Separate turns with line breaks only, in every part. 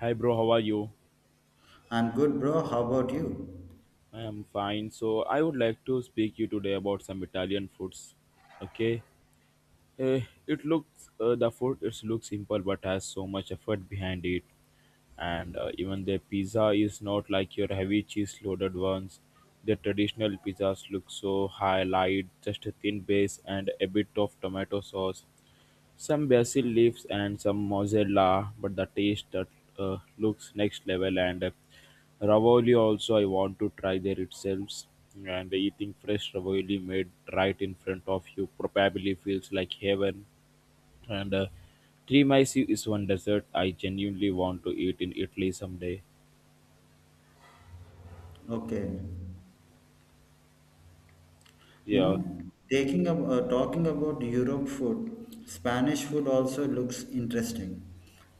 Hi bro, how are you?
I'm good, bro. How about you?
I am fine. So I would like to speak you today about some Italian foods. Okay. Eh, it looks the food it looks simple but has so much effort behind it. And even the pizza is not like your heavy cheese loaded ones. The traditional pizzas look so high light, just a thin base and a bit of tomato sauce. Some basil leaves and some mozzarella, but the taste that looks next level. And ravioli also, I want to try there itself. And eating fresh ravioli made right in front of you probably feels like heaven. And Trimisi is one dessert I genuinely want to eat in Italy someday.
Okay. You
Yeah.
know, talking about Europe food, Spanish food also looks interesting.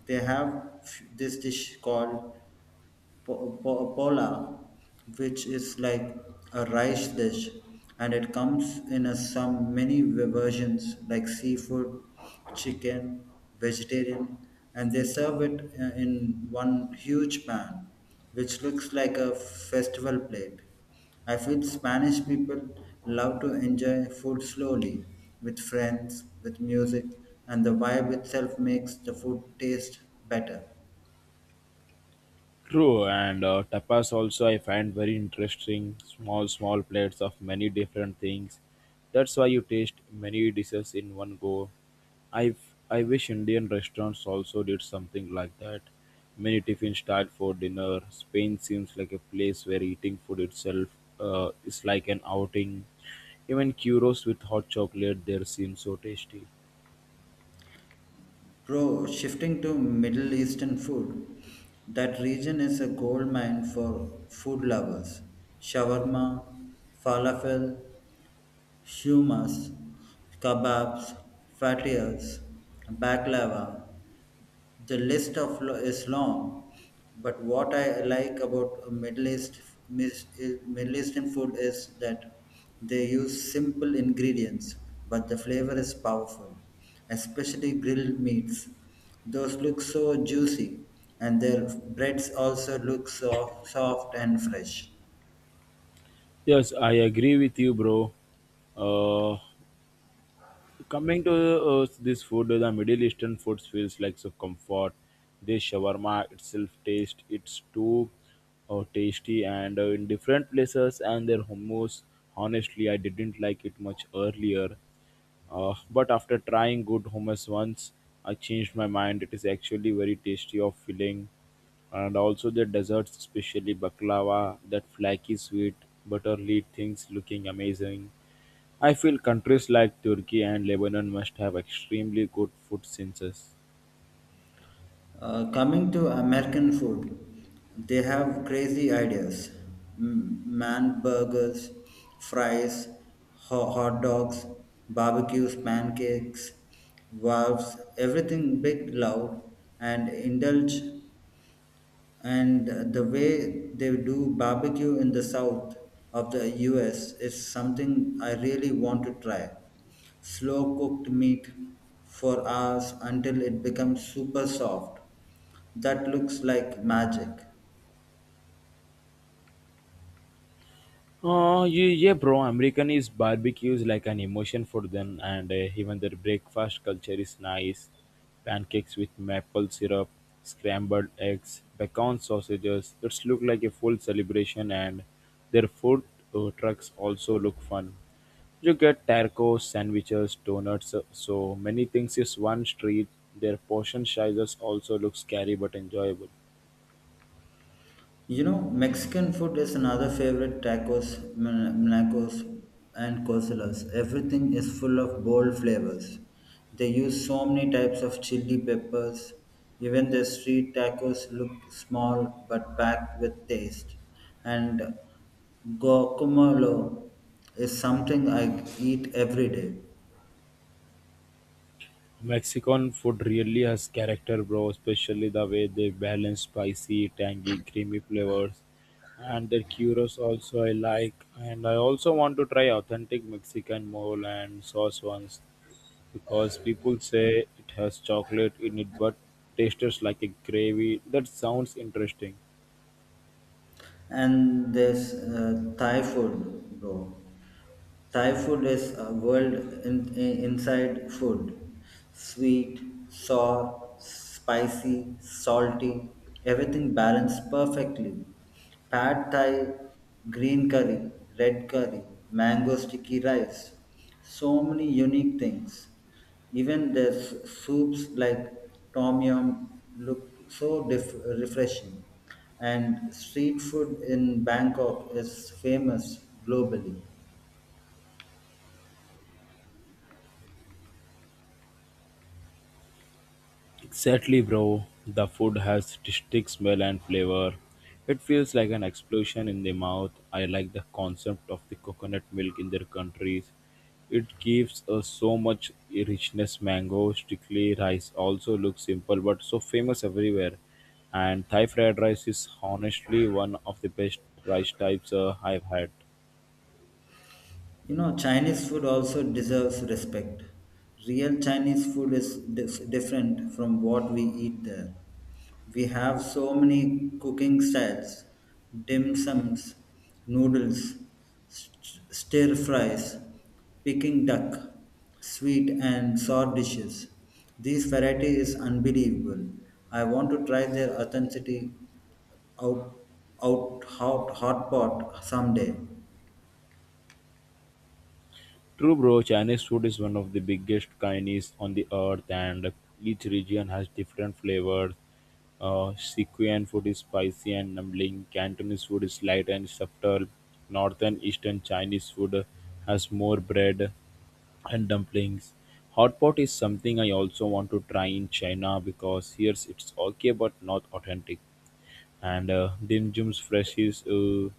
They have this dish called pola, which is like a rice dish, and it comes in a, some many versions like seafood, chicken, vegetarian, and they serve it in one huge pan, which looks like a festival plate. I feel Spanish people love to enjoy food slowly with friends, with music, and the vibe itself makes the food taste better.
True, and tapas also I find very interesting. Small, small plates of many different things. That's why you taste many dishes in one go. I I wish Indian restaurants also did something like that. Many tiffins start for dinner. Spain seems like a place where eating food itself is like an outing. Even churros with hot chocolate there seem so tasty.
Bro, shifting to Middle Eastern food. That region is a gold mine for food lovers. Shawarma, falafel, shumas, kebabs, fajitas, baklava. The list of is long, but what I like about Middle East mis- Middle Eastern food is that they use simple ingredients, but the flavor is powerful, especially grilled meats. Those look so juicy, and their breads also look so soft and fresh.
Yes, I agree with you, bro. Uh, Coming to this food, the Middle Eastern food feels like so comfort. The shawarma itself taste, it's too tasty and in different places and their hummus. Honestly, I didn't like it much earlier, but after trying good hummus once, I changed my mind. It is actually very tasty of filling, and also the desserts, especially baklava, that flaky sweet butterly things looking amazing. I feel countries like Turkey and Lebanon must have extremely good food senses.
Coming to American food, they have crazy ideas. Man burgers, fries, hot dogs, barbecues, pancakes, valves, everything big, loud, and indulge, and the way they do barbecue in the south of the US is something I really want to try. Slow cooked meat for hours until it becomes super soft. That looks like magic.
Yeah, bro. American is barbecue is like an emotion for them, and even their breakfast culture is nice. Pancakes with maple syrup, scrambled eggs, bacon sausages. It's look like a full celebration, and their food trucks also look fun. You get tacos, sandwiches, donuts, so many things is one street. Their portion sizes also look scary but enjoyable.
You know, Mexican food is another favorite: tacos, nachos, and quesadillas. Everything is full of bold flavors. They use so many types of chili peppers. Even the street tacos look small but packed with taste. And guacamole is something I eat every day.
Mexican food really has character bro, especially the way they balance spicy, tangy, creamy flavors and their churros also I like and I also want to try authentic Mexican mole and sauce ones because people say it has chocolate in it but tastes like a gravy. That sounds interesting.
And there's Thai food, bro. Thai food is a world inside food. Sweet, sour, spicy, salty, everything balanced perfectly. Pad Thai, green curry, red curry, mango sticky rice. So many unique things. Even their soups like tom yum look so refreshing. And street food in Bangkok is famous globally.
Exactly, bro. The food has distinct smell and flavor. It feels like an explosion in the mouth. I like the concept of the coconut milk in their countries. It gives us so much richness. Mango, strictly rice also looks simple but so famous everywhere. And Thai fried rice is honestly one of the best rice types I've had.
You know, Chinese food also deserves respect. Real Chinese food is different from what we eat there. We have so many cooking styles: dim sums, noodles, stir fries, Peking duck, sweet and sour dishes. This variety is unbelievable. I want to try their authenticity out, out, hot pot someday.
True-Bro Chinese food is one of the biggest cuisines on the earth, and each region has different flavors. Sichuan food is spicy and numbing. Cantonese food is light and subtle. Northern Eastern Chinese food has more bread and dumplings. Hot pot is something I also want to try in China because here it's okay but not authentic. And Dim Sum's fresh is uh,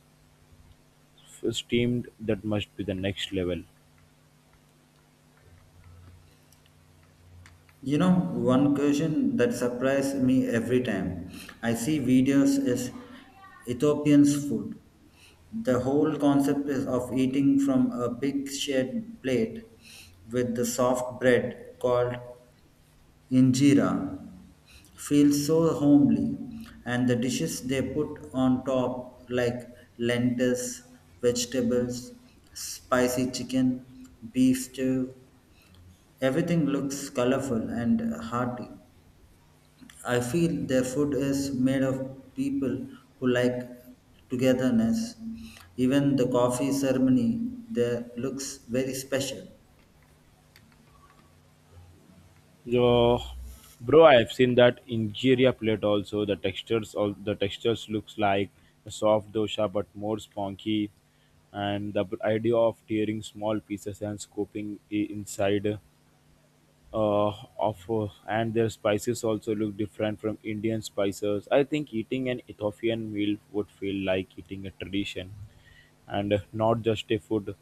f- steamed. That must be the next level.
You know, one question that surprised me every time I see videos is Ethiopian's food. The whole concept is of eating from a big shared plate with the soft bread called injera feels so homely, and the dishes they put on top, like lentils, vegetables, spicy chicken, beef stew, everything looks colorful and hearty. I feel their food is made of people who like togetherness. Even the coffee ceremony there looks very special.
Yo, bro, I've seen that injera plate also. The textures, all the textures looks like a soft dosa but more spongy, and the idea of tearing small pieces and scooping inside uh, of and their spices also look different from Indian spices. I think eating an Ethiopian meal would feel like eating a tradition and not just a food.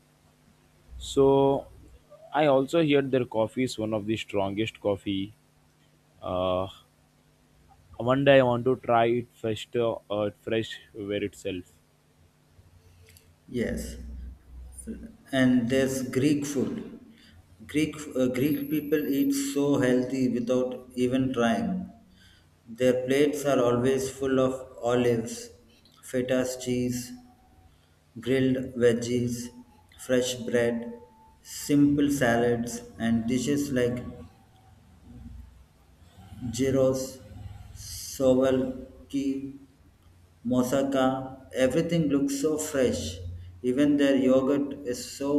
So I also heard their coffee is one of the strongest coffee. Uh, One day I want to try it fresh where itself.
Yes. And there's Greek food. Greek people eat so healthy without even trying. Their plates are always full of olives, feta's cheese, grilled veggies, fresh bread, simple salads, and dishes like gyros, souvlaki, moussaka. Everything looks so fresh. Even their yogurt is so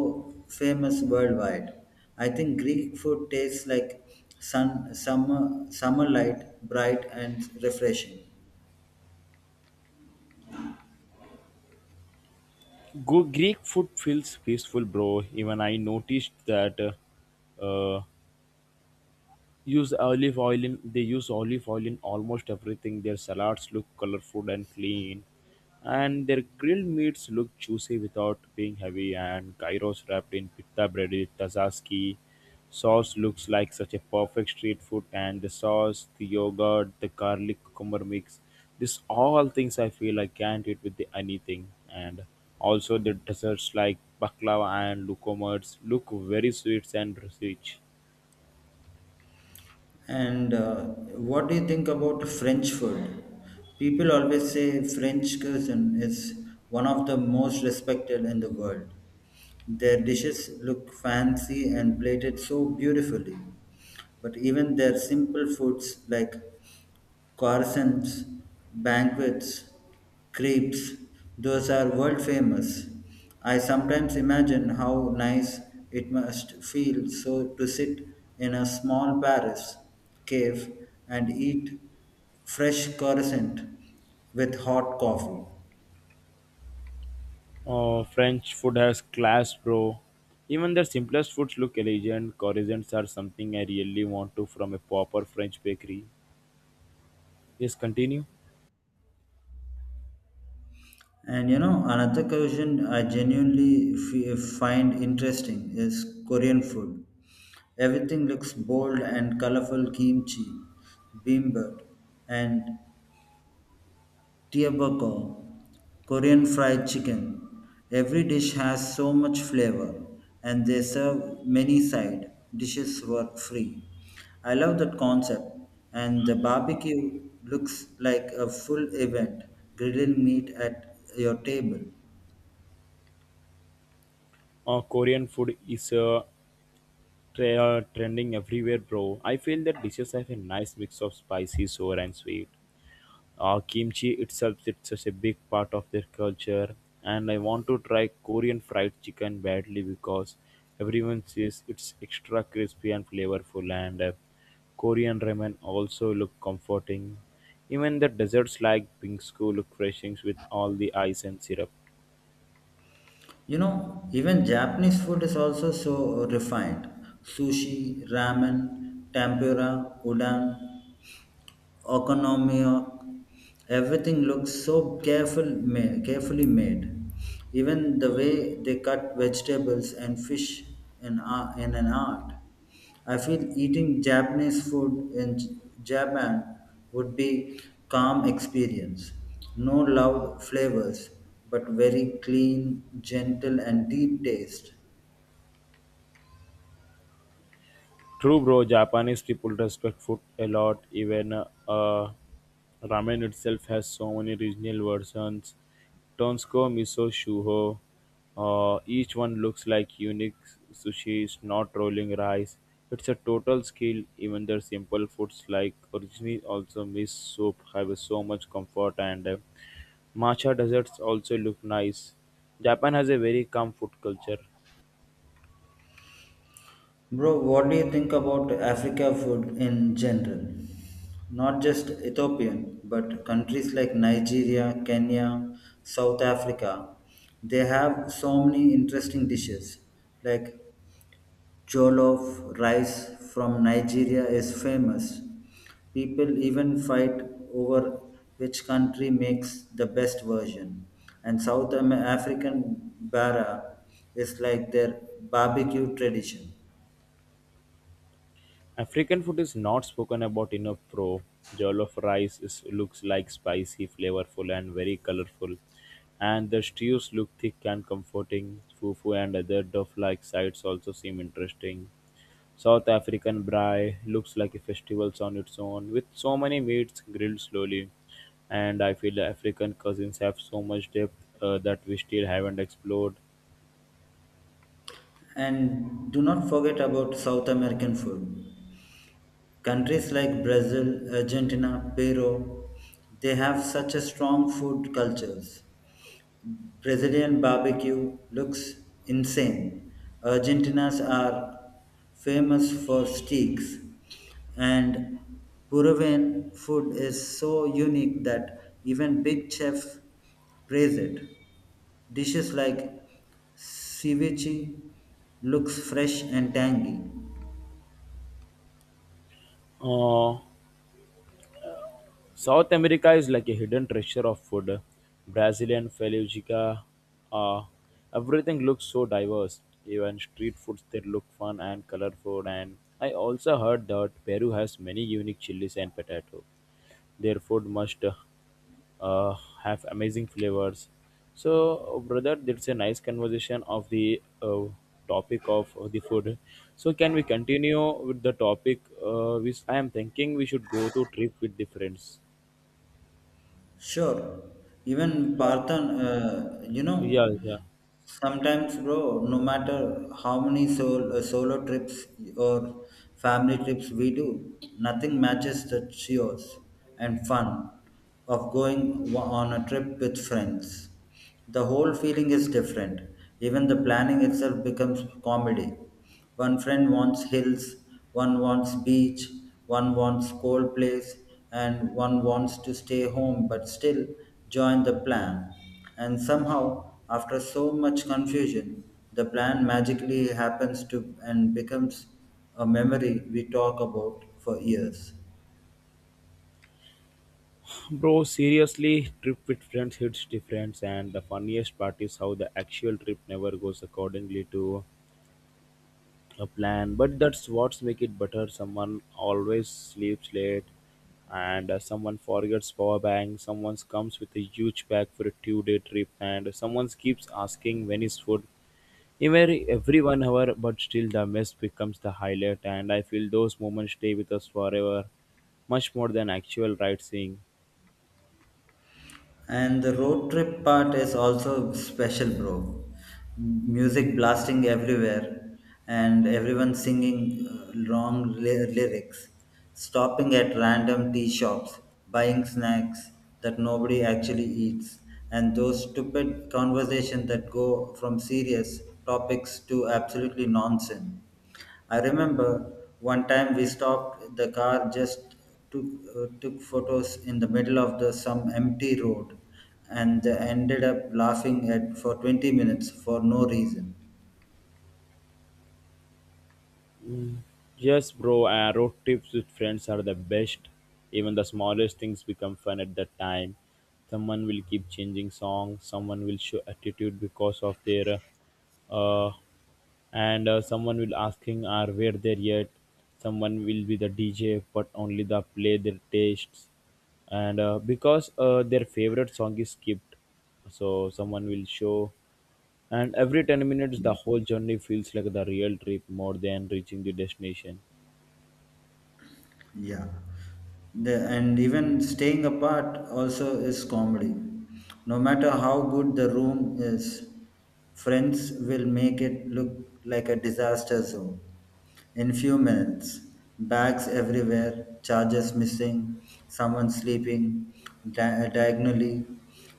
famous worldwide. I think Greek food tastes like sun, summer light, bright and refreshing.
Go Greek food feels peaceful, bro. Even I noticed that uh, uh, use olive oil in they use olive oil in almost everything. Their salads look colorful and clean, and their grilled meats look juicy without being heavy, and gyros wrapped in pita bread with tzatziki sauce looks like such a perfect street food, and the sauce, the yogurt, the garlic cucumber mix, this all things I feel I can't eat with the anything. And also the desserts like baklava and lukomers look very sweet and rich.
And what do you think about French food? People always say French cuisine is one of the most respected in the world. Their dishes look fancy and plated so beautifully. But even their simple foods like Corson's, banquets, crepes, those are world famous. I sometimes imagine how nice it must feel so to sit in a small Paris cave and eat fresh croissant with hot coffee.
Oh, French food has class, bro. Even their simplest foods look elegant. Croissants are something I really want to from a proper French bakery. Yes, continue.
And you know, another cuisine I genuinely find interesting is Korean food. Everything looks bold and colorful: kimchi, bibimbap, and Tteokbokki, Korean fried chicken. Every dish has so much flavor, and they serve many side dishes for free. I love that concept, and the barbecue looks like a full event, grilling meat at your table.
Korean food is trending everywhere, bro. I feel that dishes have a nice mix of spicy, sour, and sweet. Kimchi itself it's such a big part of their culture, and I want to try Korean fried chicken badly because everyone says it's extra crispy and flavorful, and Korean ramen also look comforting. Even the desserts like bingsu look refreshing with all the ice and syrup.
You know, even Japanese food is also so refined. Sushi, ramen, tempura, udon, economy, everything looks so carefully made. Even the way they cut vegetables and fish in an art. I feel eating Japanese food in Japan would be calm experience, no loud flavors, but very clean, gentle and deep taste.
True bro, Japanese people respect food a lot. Even ramen itself has so many regional versions. Tonsko, miso, shuho. Each one looks like unique. Sushi is not rolling rice. It's a total skill. Even their simple foods like originally also miso soup have so much comfort, and matcha desserts also look nice. Japan has a very calm food culture.
Bro, what do you think about Africa food in general? Not just Ethiopian, but countries like Nigeria, Kenya, South Africa. They have so many interesting dishes. Like jollof rice from Nigeria is famous. People even fight over which country makes the best version. And South African bara is like their barbecue tradition.
African food is not spoken about enough pro. Jollof rice is, looks like spicy, flavorful and very colorful. And the stews look thick and comforting. Fufu and other duff-like sides also seem interesting. South African braai looks like a festival on its own with so many meats grilled slowly. And I feel African cuisines have so much depth that we still haven't explored.
And do not forget about South American food. Countries like Brazil, Argentina, Peru, they have such a strong food cultures. Brazilian barbecue looks insane. Argentinians are famous for steaks, and Peruvian food is so unique that even big chefs praise it. Dishes like ceviche looks fresh and tangy.
Uh, South America is like a hidden treasure of food. Brazilian feijoada, uh, everything looks so diverse. Even street foods there look fun and colorful. And I also heard that Peru has many unique chilies and potato. Their food must uh, have amazing flavors. So, brother, that's a nice conversation of the topic of the food. So, can we continue with the topic? Which I am thinking we should go to trip with the friends.
Sure. Even
Yeah,
Parthan, you
yeah,
know,
yeah.
sometimes, bro, no matter how many solo trips or family trips we do, nothing matches the cheers and fun of going on a trip with friends. The whole feeling is different. Even the planning itself becomes comedy. One friend wants hills, one wants beach, one wants cold place, and one wants to stay home but still join the plan. And somehow, after so much confusion, the plan magically happens to and becomes a memory we talk about for years.
Bro, seriously, trip with friends hits different, and the funniest part is how the actual trip never goes accordingly to a plan. But that's what's make it better. Someone always sleeps late, and someone forgets power bank. Someone comes with a huge bag for a two-day trip, and someone keeps asking when is food. Every 1 hour, but still the mess becomes the highlight, and I feel those moments stay with us forever, much more than actual ride seeing.
And the road trip part is also special, bro. Music blasting everywhere, and everyone singing long lyrics, stopping at random tea shops, buying snacks that nobody actually eats, and those stupid conversations that go from serious topics to absolutely nonsense. I remember one time we stopped the car, just took took photos in the middle of the some empty road, and they ended up laughing at for 20 minutes for no reason.
Yes, bro, and road trips with friends are the best. Even the smallest things become fun at that time. Someone will keep changing songs, someone will show attitude because of uh, and someone will asking are where they yet. Someone will be the DJ, but only the play their tastes, and because their favorite song is skipped, so someone will show. And every 10 minutes, the whole journey feels like the real trip more than reaching the destination.
Yeah. And even staying apart also is comedy. No matter how good the room is, friends will make it look like a disaster zone. In few minutes, bags everywhere, chargers missing, someone sleeping diagonally,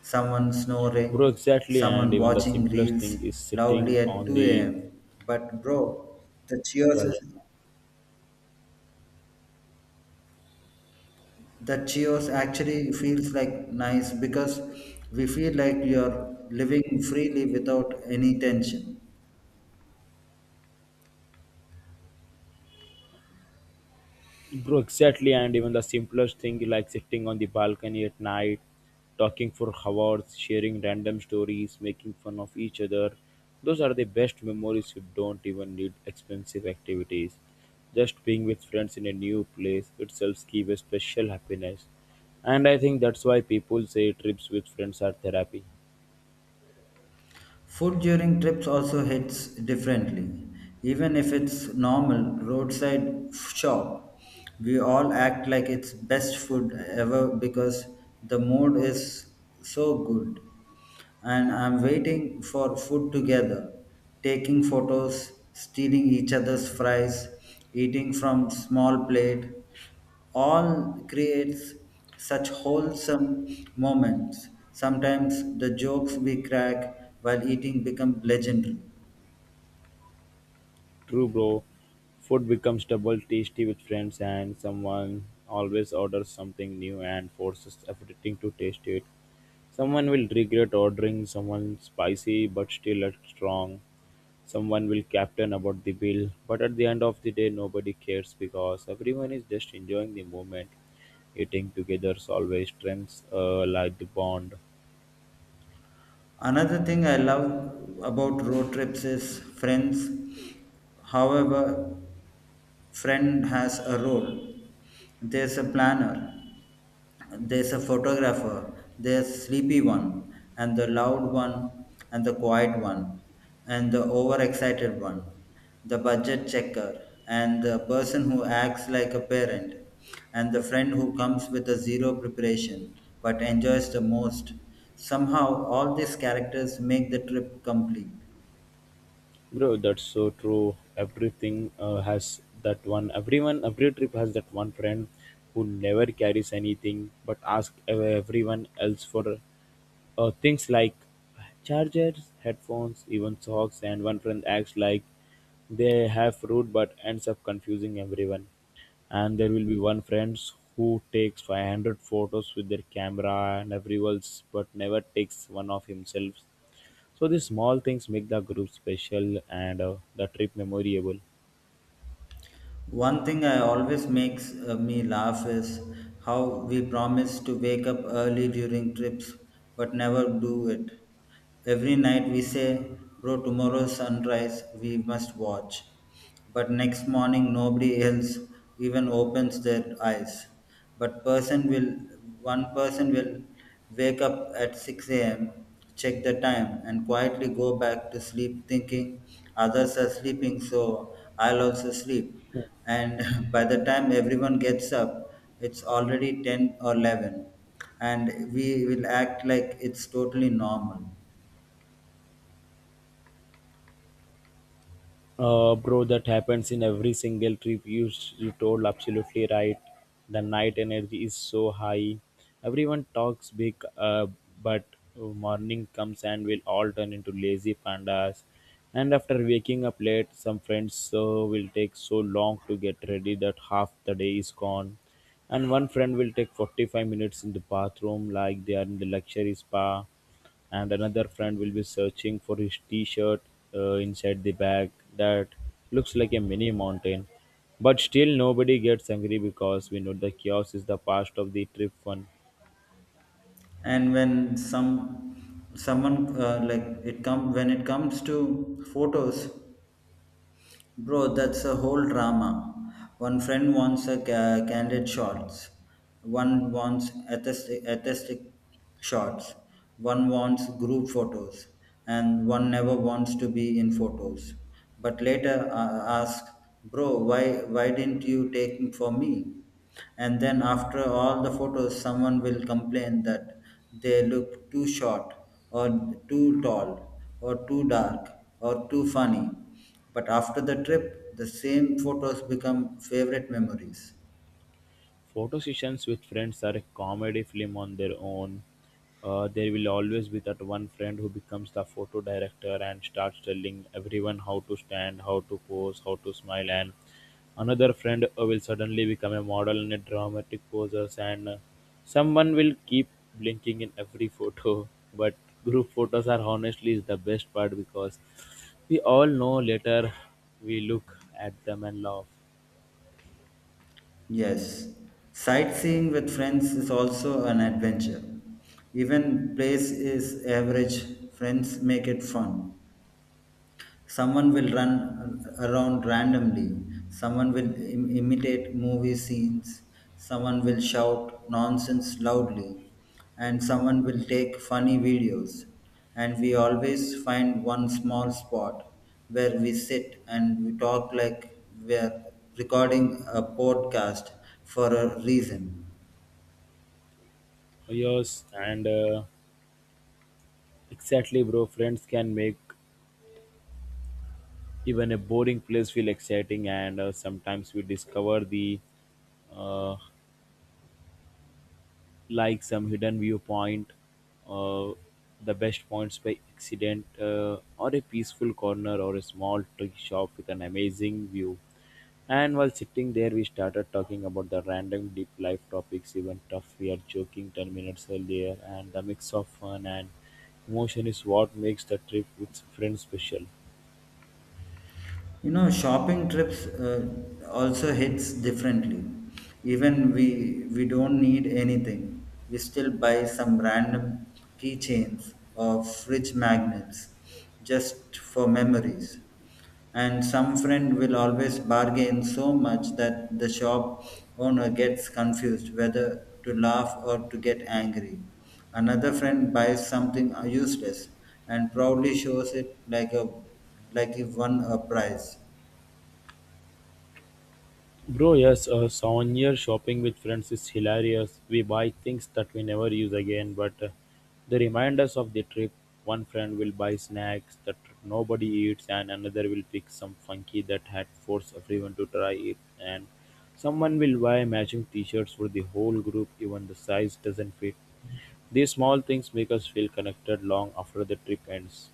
someone snoring,
Bro, exactly, and
someone
even the
watching
simplest
reels
thing is
loudly
sitting
at
on
2
the
a.m. But bro, the cheers
yeah, yeah.
is that cheers actually feels like nice because we feel like you're living freely without any tension.
Bro, exactly, and even the simplest thing like sitting on the balcony at night, talking for hours, sharing random stories, making fun of each other. Those are the best memories. You don't even need expensive activities. Just being with friends in a new place itself gives a special happiness. And I think that's why people say trips with friends are therapy.
Food during trips also hits differently. Even if it's normal roadside shop, we all act like it's best food ever because the mood is so good. And I'm waiting for food together, taking photos, stealing each other's fries, eating from small plate, all creates such wholesome moments. Sometimes the jokes we crack while eating become legendary.
True bro, food becomes double tasty with friends, and someone always orders something new and forces everything to taste it. Someone will regret ordering someone spicy but still at strong. Someone will captain about the bill, but at the end of the day nobody cares because everyone is just enjoying the moment. Eating together always strengthens like the bond.
Another thing I love about road trips is friends. However, friend has a role. There's a planner, there's a photographer, there's sleepy one, and the loud one, and the quiet one, and the overexcited one, the budget checker, and the person who acts like a parent, and the friend who comes with a zero preparation but enjoys the most. Somehow, all these characters make the trip complete.
Bro, that's so true. Everything has that one. Everyone, every trip has that one friend who never carries anything but asks everyone else for things like chargers, headphones, even socks. And one friend acts like they have fruit but ends up confusing everyone. And there will be one friend who takes 500 photos with their camera and everyone else but never takes one of himself, so these small things make the group special, and the trip memorable.
One thing I always makes me laugh is how we promise to wake up early during trips but never do it. Every night we say, "Bro, tomorrow sunrise we must watch." But next morning nobody else even opens their eyes, but person will wake up at 6 a.m., check the time and quietly go back to sleep thinking others are sleeping, so I'll also sleep. And by the time everyone gets up, it's already 10 or 11, and we will act like it's totally normal.
Bro, that happens in every single trip. You told absolutely right. The night energy is so high. Everyone talks big, but morning comes and we'll all turn into lazy pandas. And after waking up late, some friends will take so long to get ready that half the day is gone. And one friend will take 45 minutes in the bathroom like they are in the luxury spa, and another friend will be searching for his t-shirt inside the bag that looks like a mini mountain. But still nobody gets angry because we know the chaos is the part of the trip fun.
And when some someone, like it come when it comes to photos, bro, that's a whole drama. One friend wants a candid shots. One wants aesthetic shots. One wants group photos. And one never wants to be in photos. But later asks, "Bro, why didn't you take for me?" And then after all the photos, someone will complain that they look too short, or too tall, or too dark, or too funny. But after the trip, the same photos become favorite memories.
Photo sessions with friends are a comedy film on their own. There will always be that one friend who becomes the photo director and starts telling everyone how to stand, how to pose, how to smile, and another friend will suddenly become a model and a dramatic poser, and someone will keep blinking in every photo. But group photos are honestly is the best part because we all know later we look at them and laugh.
Yes, sightseeing with friends is also an adventure. Even place is average, friends make it fun. Someone will run around randomly, someone will imitate movie scenes, someone will shout nonsense loudly, and someone will take funny videos. And we always find one small spot where we sit and we talk like we're recording a podcast for a reason.
Yes, and exactly, bro. Friends can make even a boring place feel exciting, and sometimes we discover the uh, like some hidden viewpoint, uh, the best points by accident, or a peaceful corner or a small tea shop with an amazing view. And while sitting there, we started talking about the random deep life topics, even tough. We are joking 10 minutes earlier, and the mix of fun and emotion is what makes the trip with friends special.
You know, shopping trips also hits differently. Even we don't need anything, we still buy some random keychains or fridge magnets just for memories. And some friend will always bargain so much that the shop owner gets confused whether to laugh or to get angry. Another friend buys something useless and proudly shows it like a, like he won a prize.
Bro, yes, souvenir shopping with friends is hilarious. We buy things that we never use again, but they remind us of the trip. One friend will buy snacks that nobody eats, and another will pick some funky that had forced everyone to try it, and someone will buy matching t-shirts for the whole group, even the size doesn't fit. These small things make us feel connected long after the trip ends.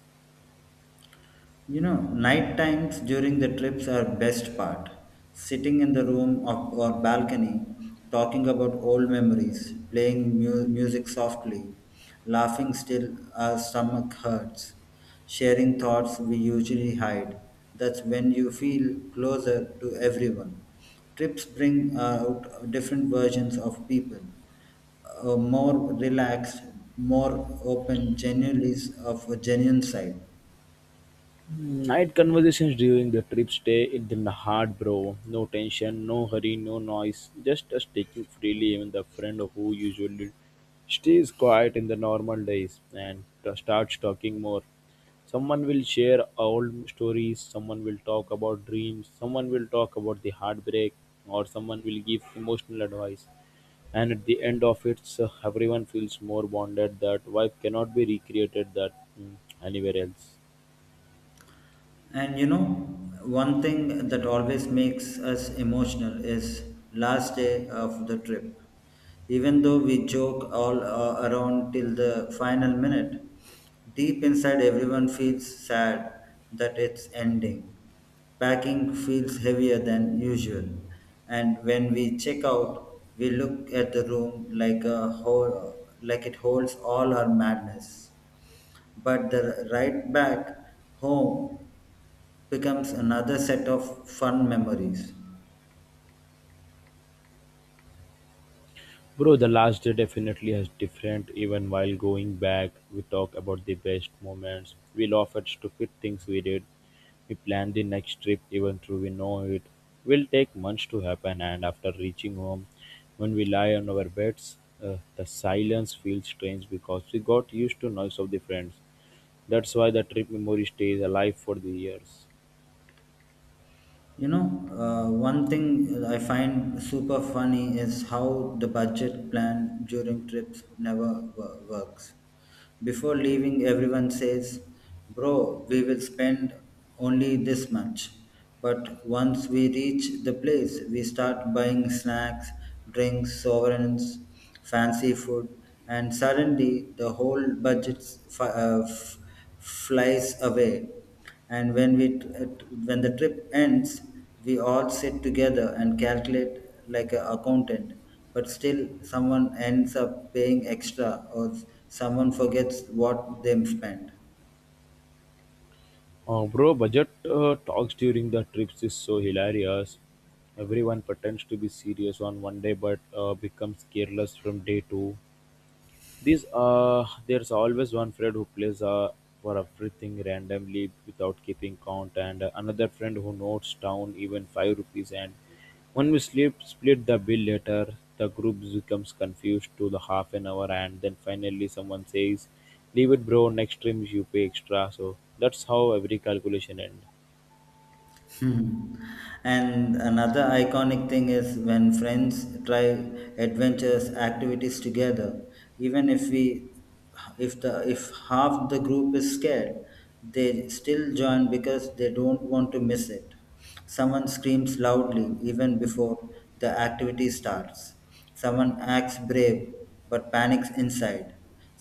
You know, night times during the trips are best part. Sitting in the room, or balcony, talking about old memories, playing music softly, laughing still our stomach hurts, sharing thoughts we usually hide. That's when you feel closer to everyone. Trips bring out different versions of people, a more relaxed, more open, genuinely of a genuine side.
Night conversations during the trip stay in the heart, bro. No tension, no hurry, no noise. Just us taking freely, even the friend who usually stays quiet in the normal days and starts talking more. Someone will share old stories, someone will talk about dreams, someone will talk about the heartbreak, or someone will give emotional advice. And at the end of it, so everyone feels more bonded that vibe cannot be recreated that mm, anywhere else.
And you know, one thing that always makes us emotional is last day of the trip. Even though we joke all around till the final minute, deep inside everyone feels sad that it's ending. Packing feels heavier than usual, and when we check out, we look at the room like a whole, like it holds all our madness. But the right back home becomes another set of fun memories.
Bro, the last day definitely has different. Even while going back, we talk about the best moments. We laugh at stupid things we did. We plan the next trip even though we know it will take months to happen. And after reaching home, when we lie on our beds, the silence feels strange because we got used to noise of the friends. That's why the trip memory stays alive for the years.
You know, one thing I find super funny is how the budget plan during trips never works. Before leaving, everyone says, "Bro, we will spend only this much." But once we reach the place, we start buying snacks, drinks, sovereigns, fancy food, and suddenly the whole budget f- uh, f- flies away. And when the trip ends, we all sit together and calculate like an accountant. But still, someone ends up paying extra, or someone forgets what they spent.
Bro, budget talks during the trips is so hilarious. Everyone pretends to be serious on one day but becomes careless from day two. These There's always one friend who plays for everything randomly without keeping count, and another friend who notes down even 5 rupees. And when we sleep, split the bill later, the group becomes confused to the half an hour, and then finally someone says, "Leave it, bro. Next time you pay extra." So that's how every calculation ends.
Hmm. And another iconic thing is when friends try adventures activities together, even if half the group is scared, they still join because they don't want to miss it. Someone screams loudly even before the activity starts, someone acts brave but panics inside,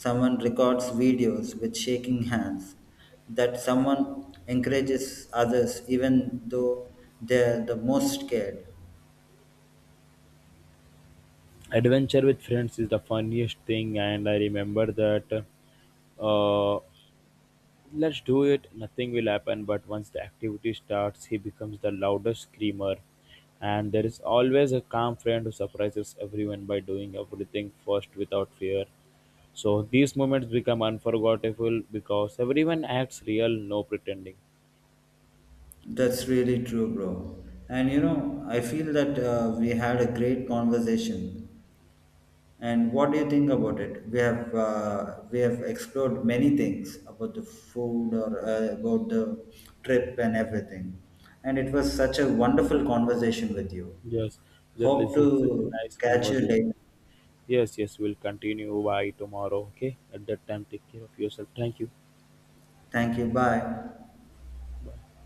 someone records videos with shaking hands, that someone encourages others even though they're the most scared.
Adventure with friends is the funniest thing, and I remember that. Uh, Let's do it, nothing will happen. But once the activity starts, he becomes the loudest screamer. And there is always a calm friend who surprises everyone by doing everything first without fear. So these moments become unforgettable because everyone acts real, no pretending.
That's really true, bro. And you know, I feel that we had a great conversation. And what do you think about it? We have explored many things about the food or about the trip and everything. And it was such a wonderful conversation with you.
Yes,
Hope
this is such a
to
nice
catch you
conversation.
later.
Yes, yes, we'll continue by tomorrow. Okay, at that time, take care of yourself. Thank you.
Thank you. Bye.
Bye.